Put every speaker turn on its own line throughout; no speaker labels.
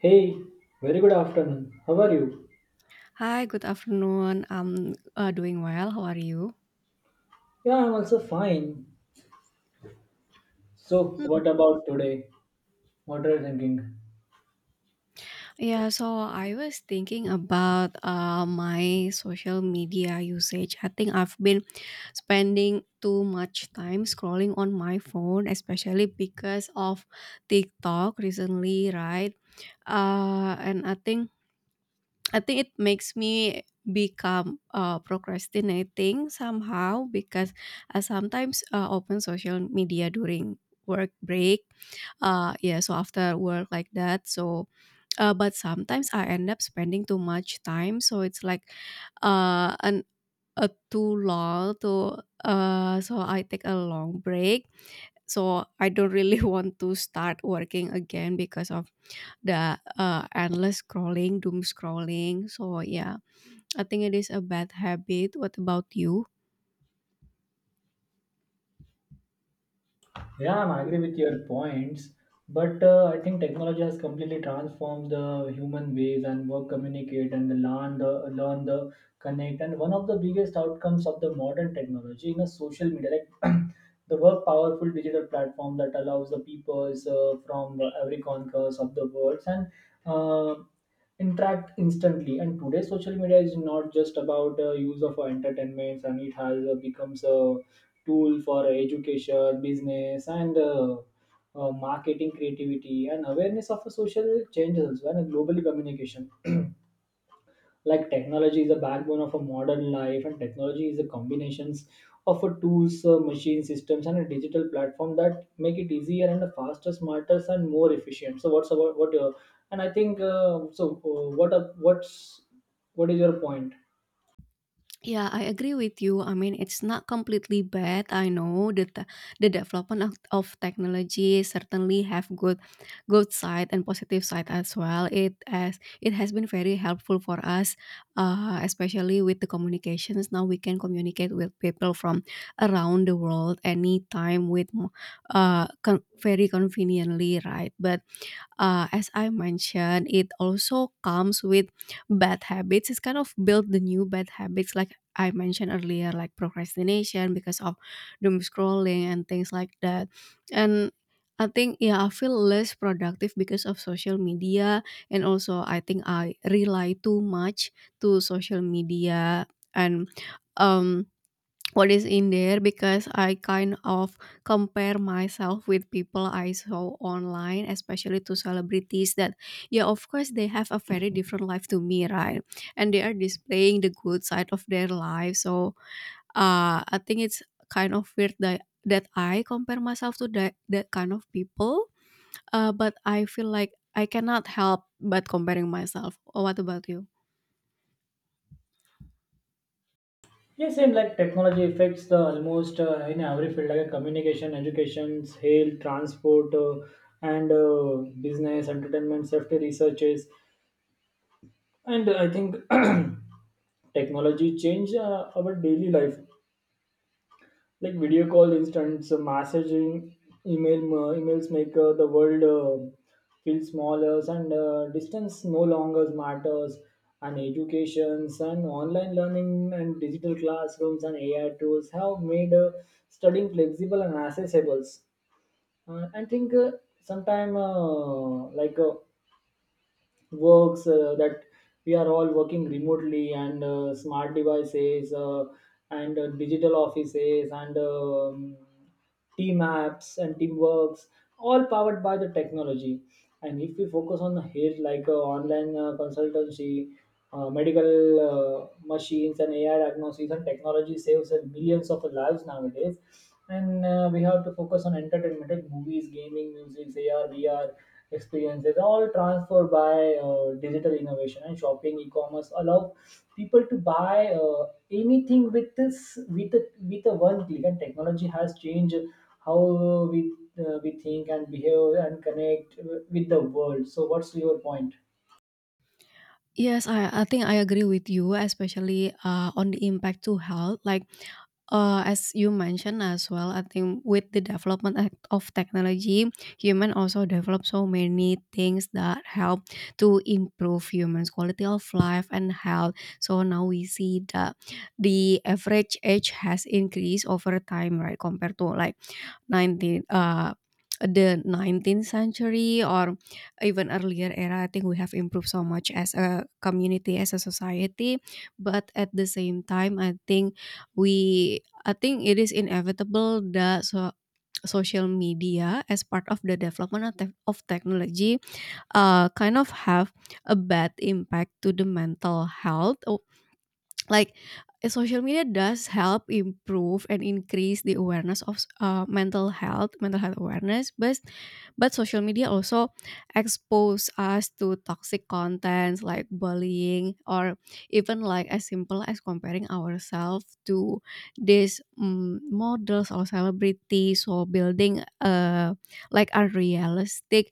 Hey, very good afternoon. How are you?
Hi, good afternoon. I'm doing well. How are you?
Yeah, I'm also fine. So,
Hmm.
what about today? What are you thinking?
Yeah, so I was thinking about my social media usage. I think I've been spending too much time scrolling on my phone, especially because of TikTok recently, right? And I think it makes me become procrastinating somehow because I sometimes open social media during work break yeah, so after work like that. So but sometimes I end up spending too much time, so it's like an a too long to so I take a long break, so I don't really want to start working again because of the endless scrolling, doom scrolling. So yeah, I think it is a bad habit. What about you?
Yeah, I'm agree with your points, but I think technology has completely transformed the human ways and work, communicate, and the connect. And one of the biggest outcomes of the modern technology in a social media, like the work powerful digital platform that allows the peoples from every corners of the world and uh, interact instantly, and today social media is not just about use of entertainment, and it has becomes a tool for education business and marketing creativity and awareness of a social changes and a global communication. Like, technology is a backbone of a modern life, and technology is a combinations of a tools machine systems and a digital platform that make it easier and a faster smarter and more efficient. So what's about what your, and I think so what's what is your point?
Yeah, I agree with you. I mean, it's not completely bad. I know that the development of technology certainly have good good side and positive side as well. It as it has been very helpful for us, especially with the communications. Now we can communicate with people from around the world anytime with very conveniently, right? But as I mentioned, it also comes with bad habits. It's kind of build the new bad habits, like I mentioned earlier, like procrastination because of doom scrolling and things like that. And I think yeah, I feel less productive because of social media, and also I think I rely too much to social media and um what is in there because I kind of compare myself with people I saw online, especially to celebrities that, yeah, of course, they have a very different life to me, right? And they are displaying the good side of their life. So I think it's kind of weird that I compare myself to that kind of people. But I feel like I cannot help but comparing myself. What about you?
Yes, same, like technology affects the almost in every field, like communication education health transport and business entertainment safety researches. And I think technology changed our daily life, like video call, instant messaging, email. Emails make the world feel smaller, and distance no longer matters. And educations and online learning and digital classrooms and AI tools have made studying flexible and accessible. I think sometime like works that we are all working remotely, and smart devices and digital offices and team apps and teamworks, all powered by the technology. And if we focus on the here, like online consultancy, medical machines and AI diagnosis, and technology saves us millions of lives nowadays. And we have to focus on entertainment, like movies, gaming, music, AR, VR experiences, all transferred by digital innovation, and shopping, e-commerce allow people to buy anything with a one click. And technology has changed how we we think and behave and connect with the world. So, what's your point?
Yes, I think I agree with you, especially on the impact to health. Like as you mentioned as well, I think with the development of technology, human also develop so many things that help to improve humans' quality of life and health. So now we see that the average age has increased over time, right? Compared to like 19 uh, the 19th century or even earlier era. I think we have improved so much as a community, as a society, but at the same time, I think we I think it is inevitable that so social media, as part of the development of of technology, kind of have a bad impact to the mental health. Like social media does help improve and increase the awareness of mental health, mental health awareness, but social media also expose us to toxic contents like bullying, or even like as simple as comparing ourselves to these models or celebrities, or building like unrealistic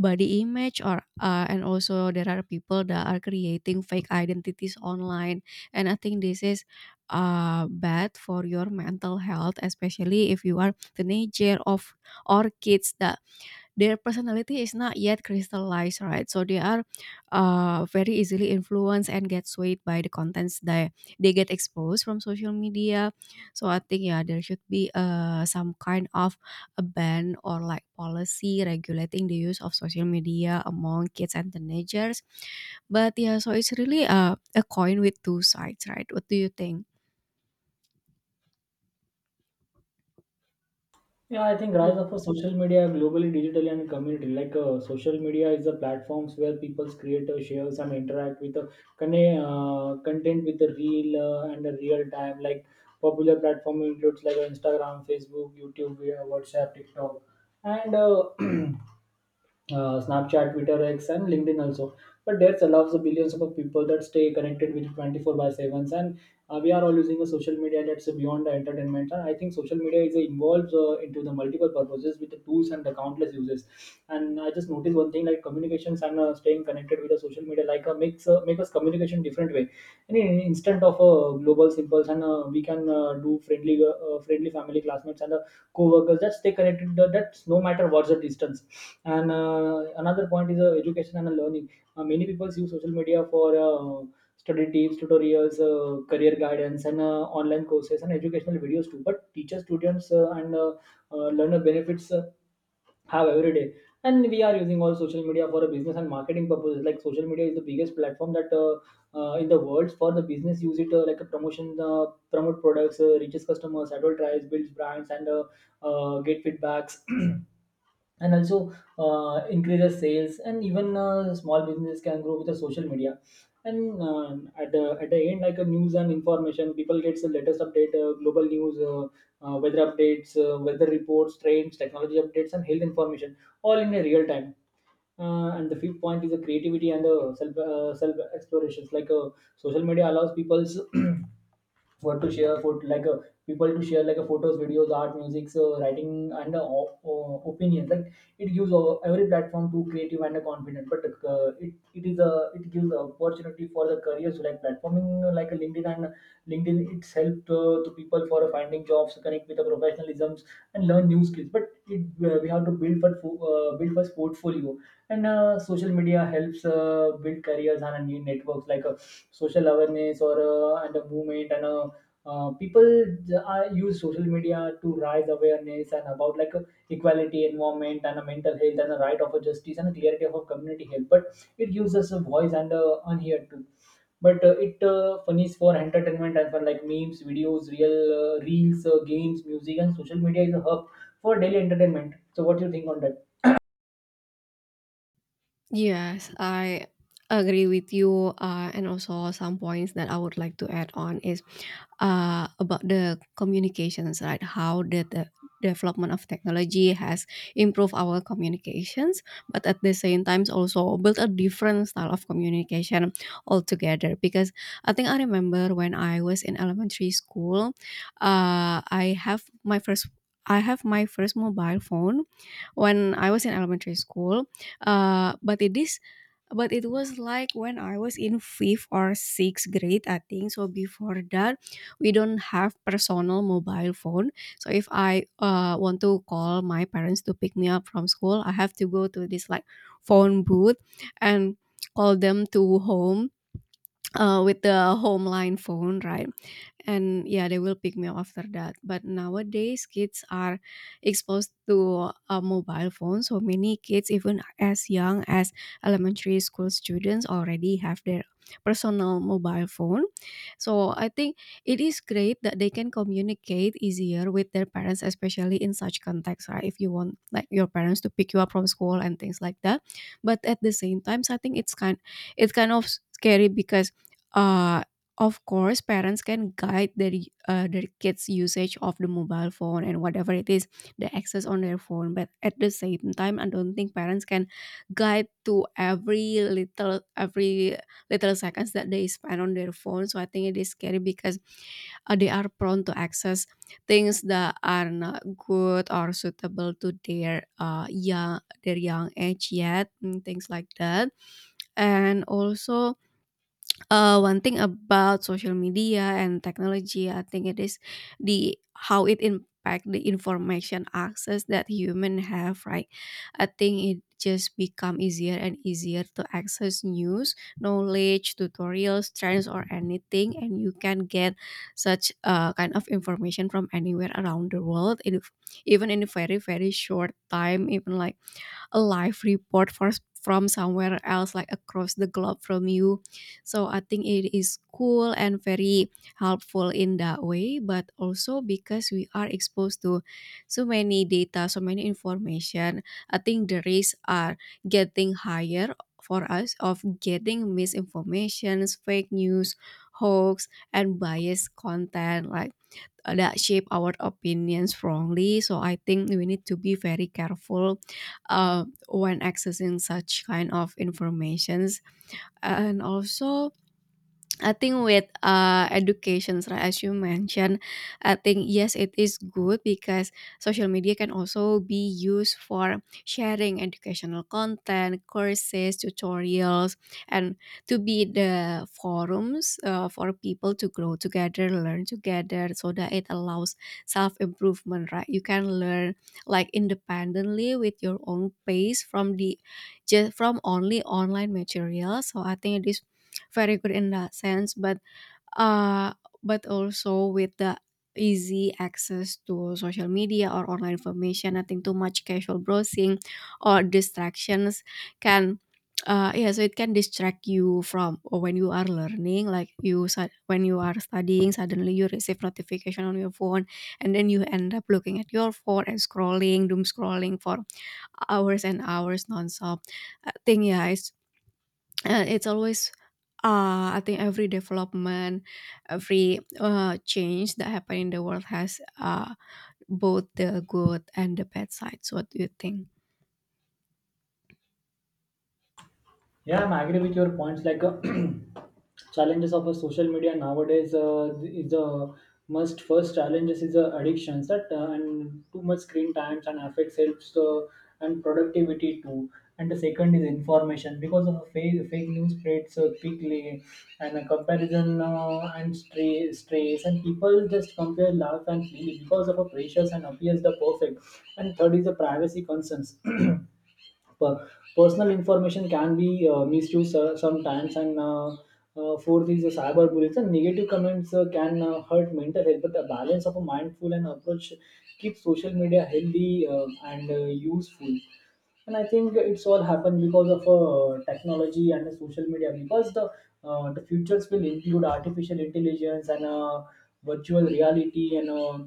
body image, or and also there are people that are creating fake identities online. And I think this is bad for your mental health, especially if you are teenager of or kids that their personality is not yet crystallized, right? So they are very easily influenced and get swayed by the contents that they get exposed from social media. So I think yeah, there should be some kind of a ban or like policy regulating the use of social media among kids and teenagers. But yeah, so it's really a coin with two sides, right? What do you think?
Yeah, I think rise of a social media globally, digital and community. Like social media is a platforms where people create, shares, and interact with content with the real and the real time. Like, popular platform includes like Instagram, Facebook, YouTube, WhatsApp, TikTok, and Snapchat, Twitter, X, and LinkedIn also. But that allows the billions of people that stay connected with 24 by 7s. And we are all using a social media that's beyond the entertainment. And I think social media is involved into the multiple purposes with the tools and the countless uses. And I just noticed one thing, like communications and staying connected with the social media like makes make us communication different way. And in instant of global symbols, and we can do friendly friendly family classmates and co-workers that stay connected. That's no matter what's the distance. And another point is education and learning. Many people use social media for study tips, tutorials, career guidance, and online courses and educational videos too. But teachers, students, and learner benefits have every day. And we are using all social media for a business and marketing purposes. Like, social media is the biggest platform that in the world for the business use it like a promotion, promote products, reaches customers, advertise, builds brands, and get feedbacks, and also increases sales, and even small businesses can grow with the social media. And at the end, like a news and information, people gets the latest update, global news, weather updates, weather reports trends technology updates and health information, all in a real time. And the fifth point is the creativity and the self explorations, like social media allows what to share for like uh, people to share like photos videos art music, so writing and opinions, like it gives every platform to creative and confident. But it is a, it gives a opportunity for the careers like platforming like a LinkedIn, and LinkedIn it's helped to people for finding jobs, connect with the professionalisms and learn new skills. But we have to build build first portfolio. And social media helps build careers and new networks, like social awareness or and a movement, and uh, people j- use social media to raise awareness and about like equality environment and a mental health and a right of a justice and a clarity of a community health. But it gives us a voice and a unheard too. But it funnies for entertainment and for like memes videos real reels games music, and social media is a hub for daily entertainment. So what do you think on that?
Yes, I agree with you. And also, some points that I would like to add on is about the communications, right? How the development of technology has improved our communications, but at the same time, also built a different style of communication altogether. Because I think I remember when I was in elementary school, uh, I have my first. I have my first mobile phone when I was in elementary school. Uh, but it is but it was like when I was in fifth or sixth grade, I think. So before that, we don't have personal mobile phone. So if I want to call my parents to pick me up from school, I have to go to this like phone booth and call them to home, with the home line phone, right? And yeah, they will pick me up after that. But nowadays kids are exposed to a mobile phone. So many kids, even as young as elementary school students, already have their personal mobile phone. So I think it is great that they can communicate easier with their parents, especially in such context, right? If you want like your parents to pick you up from school and things like that. But at the same time, I think it's kind of scary because uh of course, parents can guide their kids' usage of the mobile phone and whatever it is, the access on their phone. But at the same time, I don't think parents can guide to every little seconds that they spend on their phone. So I think it is scary because they are prone to access things that are not good or suitable to their young their young age yet, and things like that. And also one thing about social media and technology, I think it is the how it impact the information access that human have, right? I think it just become easier and easier to access news, knowledge, tutorials, trends, or anything, and you can get such kind of information from anywhere around the world, in, even in a very very short time, even like a live report for, from somewhere else, like across the globe from you. So I think it is cool and very helpful in that way, but also because we are exposed to so many data, so many information, I think the risks are getting higher for us of getting misinformations, fake news, hoax, and biased content like that shape our opinions wrongly. So I think we need to be very careful when accessing such kind of informations. And also, I think with educations, right, as you mentioned, I think yes, it is good because social media can also be used for sharing educational content, courses, tutorials, and to be the forums for people to grow together, learn together, so that it allows self improvement, right? You can learn like independently with your own pace from the just from only online material. So I think it is very good in that sense, uh but also with the easy access to social media or online information, I think too much casual browsing or distractions can yeah, so it can distract you from, or when you are learning, like you when you are studying, suddenly you receive notification on your phone, and then you end up looking at your phone and scrolling, doom scrolling for hours and hours nonstop. I think yeah, it's always I think every development, every change that happen in the world has both the good and the bad sides. What do you think?
Yeah, I'm agree with your points. Like, challenges of a social media nowadays is the most, first challenges is the addictions that and too much screen times, and affects health and productivity too. And the second is information, because of fake news spreads quickly, and a comparison and stress, and people just compare love and feel because of a precious and appears the perfect. And third is the privacy concerns. per- Personal information can be misused sometimes, and fourth is the cyberbullying, so negative comments can hurt mental health. But the balance of a mindful and approach keeps social media healthy and useful. And I think it's all happened because of technology and the social media, because the futures will include artificial intelligence and virtual reality and uh,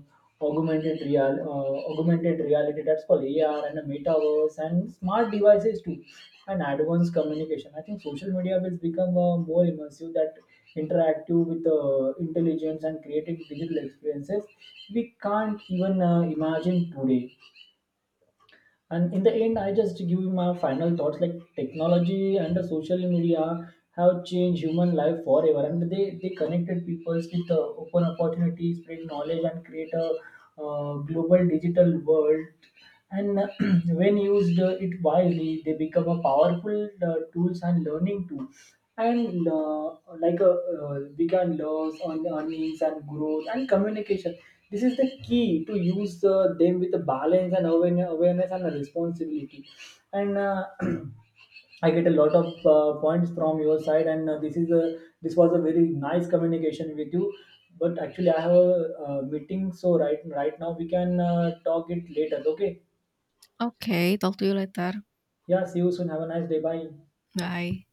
augmented real uh, augmented reality, that's called AR, and a metaverse, and smart devices too, and advanced communication. I think social media will become more immersive, that interactive with intelligence and creating digital experiences we can't even imagine today. And in the end, I just give you my final thoughts. Like, technology and the social media have changed human life forever, and they connected people with open opportunities, spread knowledge, and create a global digital world. And when used it wisely, they become a powerful tools and learning tool. And like uh, we can learn on earnings and growth and communication. This is the key to use them with a balance and awareness and a responsibility. And I get a lot of points from your side, and this is a this was a very nice communication with you. But actually I have a, meeting, so right now we can talk it later, okay?
Okay, talk to you later.
Yeah, see you soon. Have a nice day. Bye.
Bye.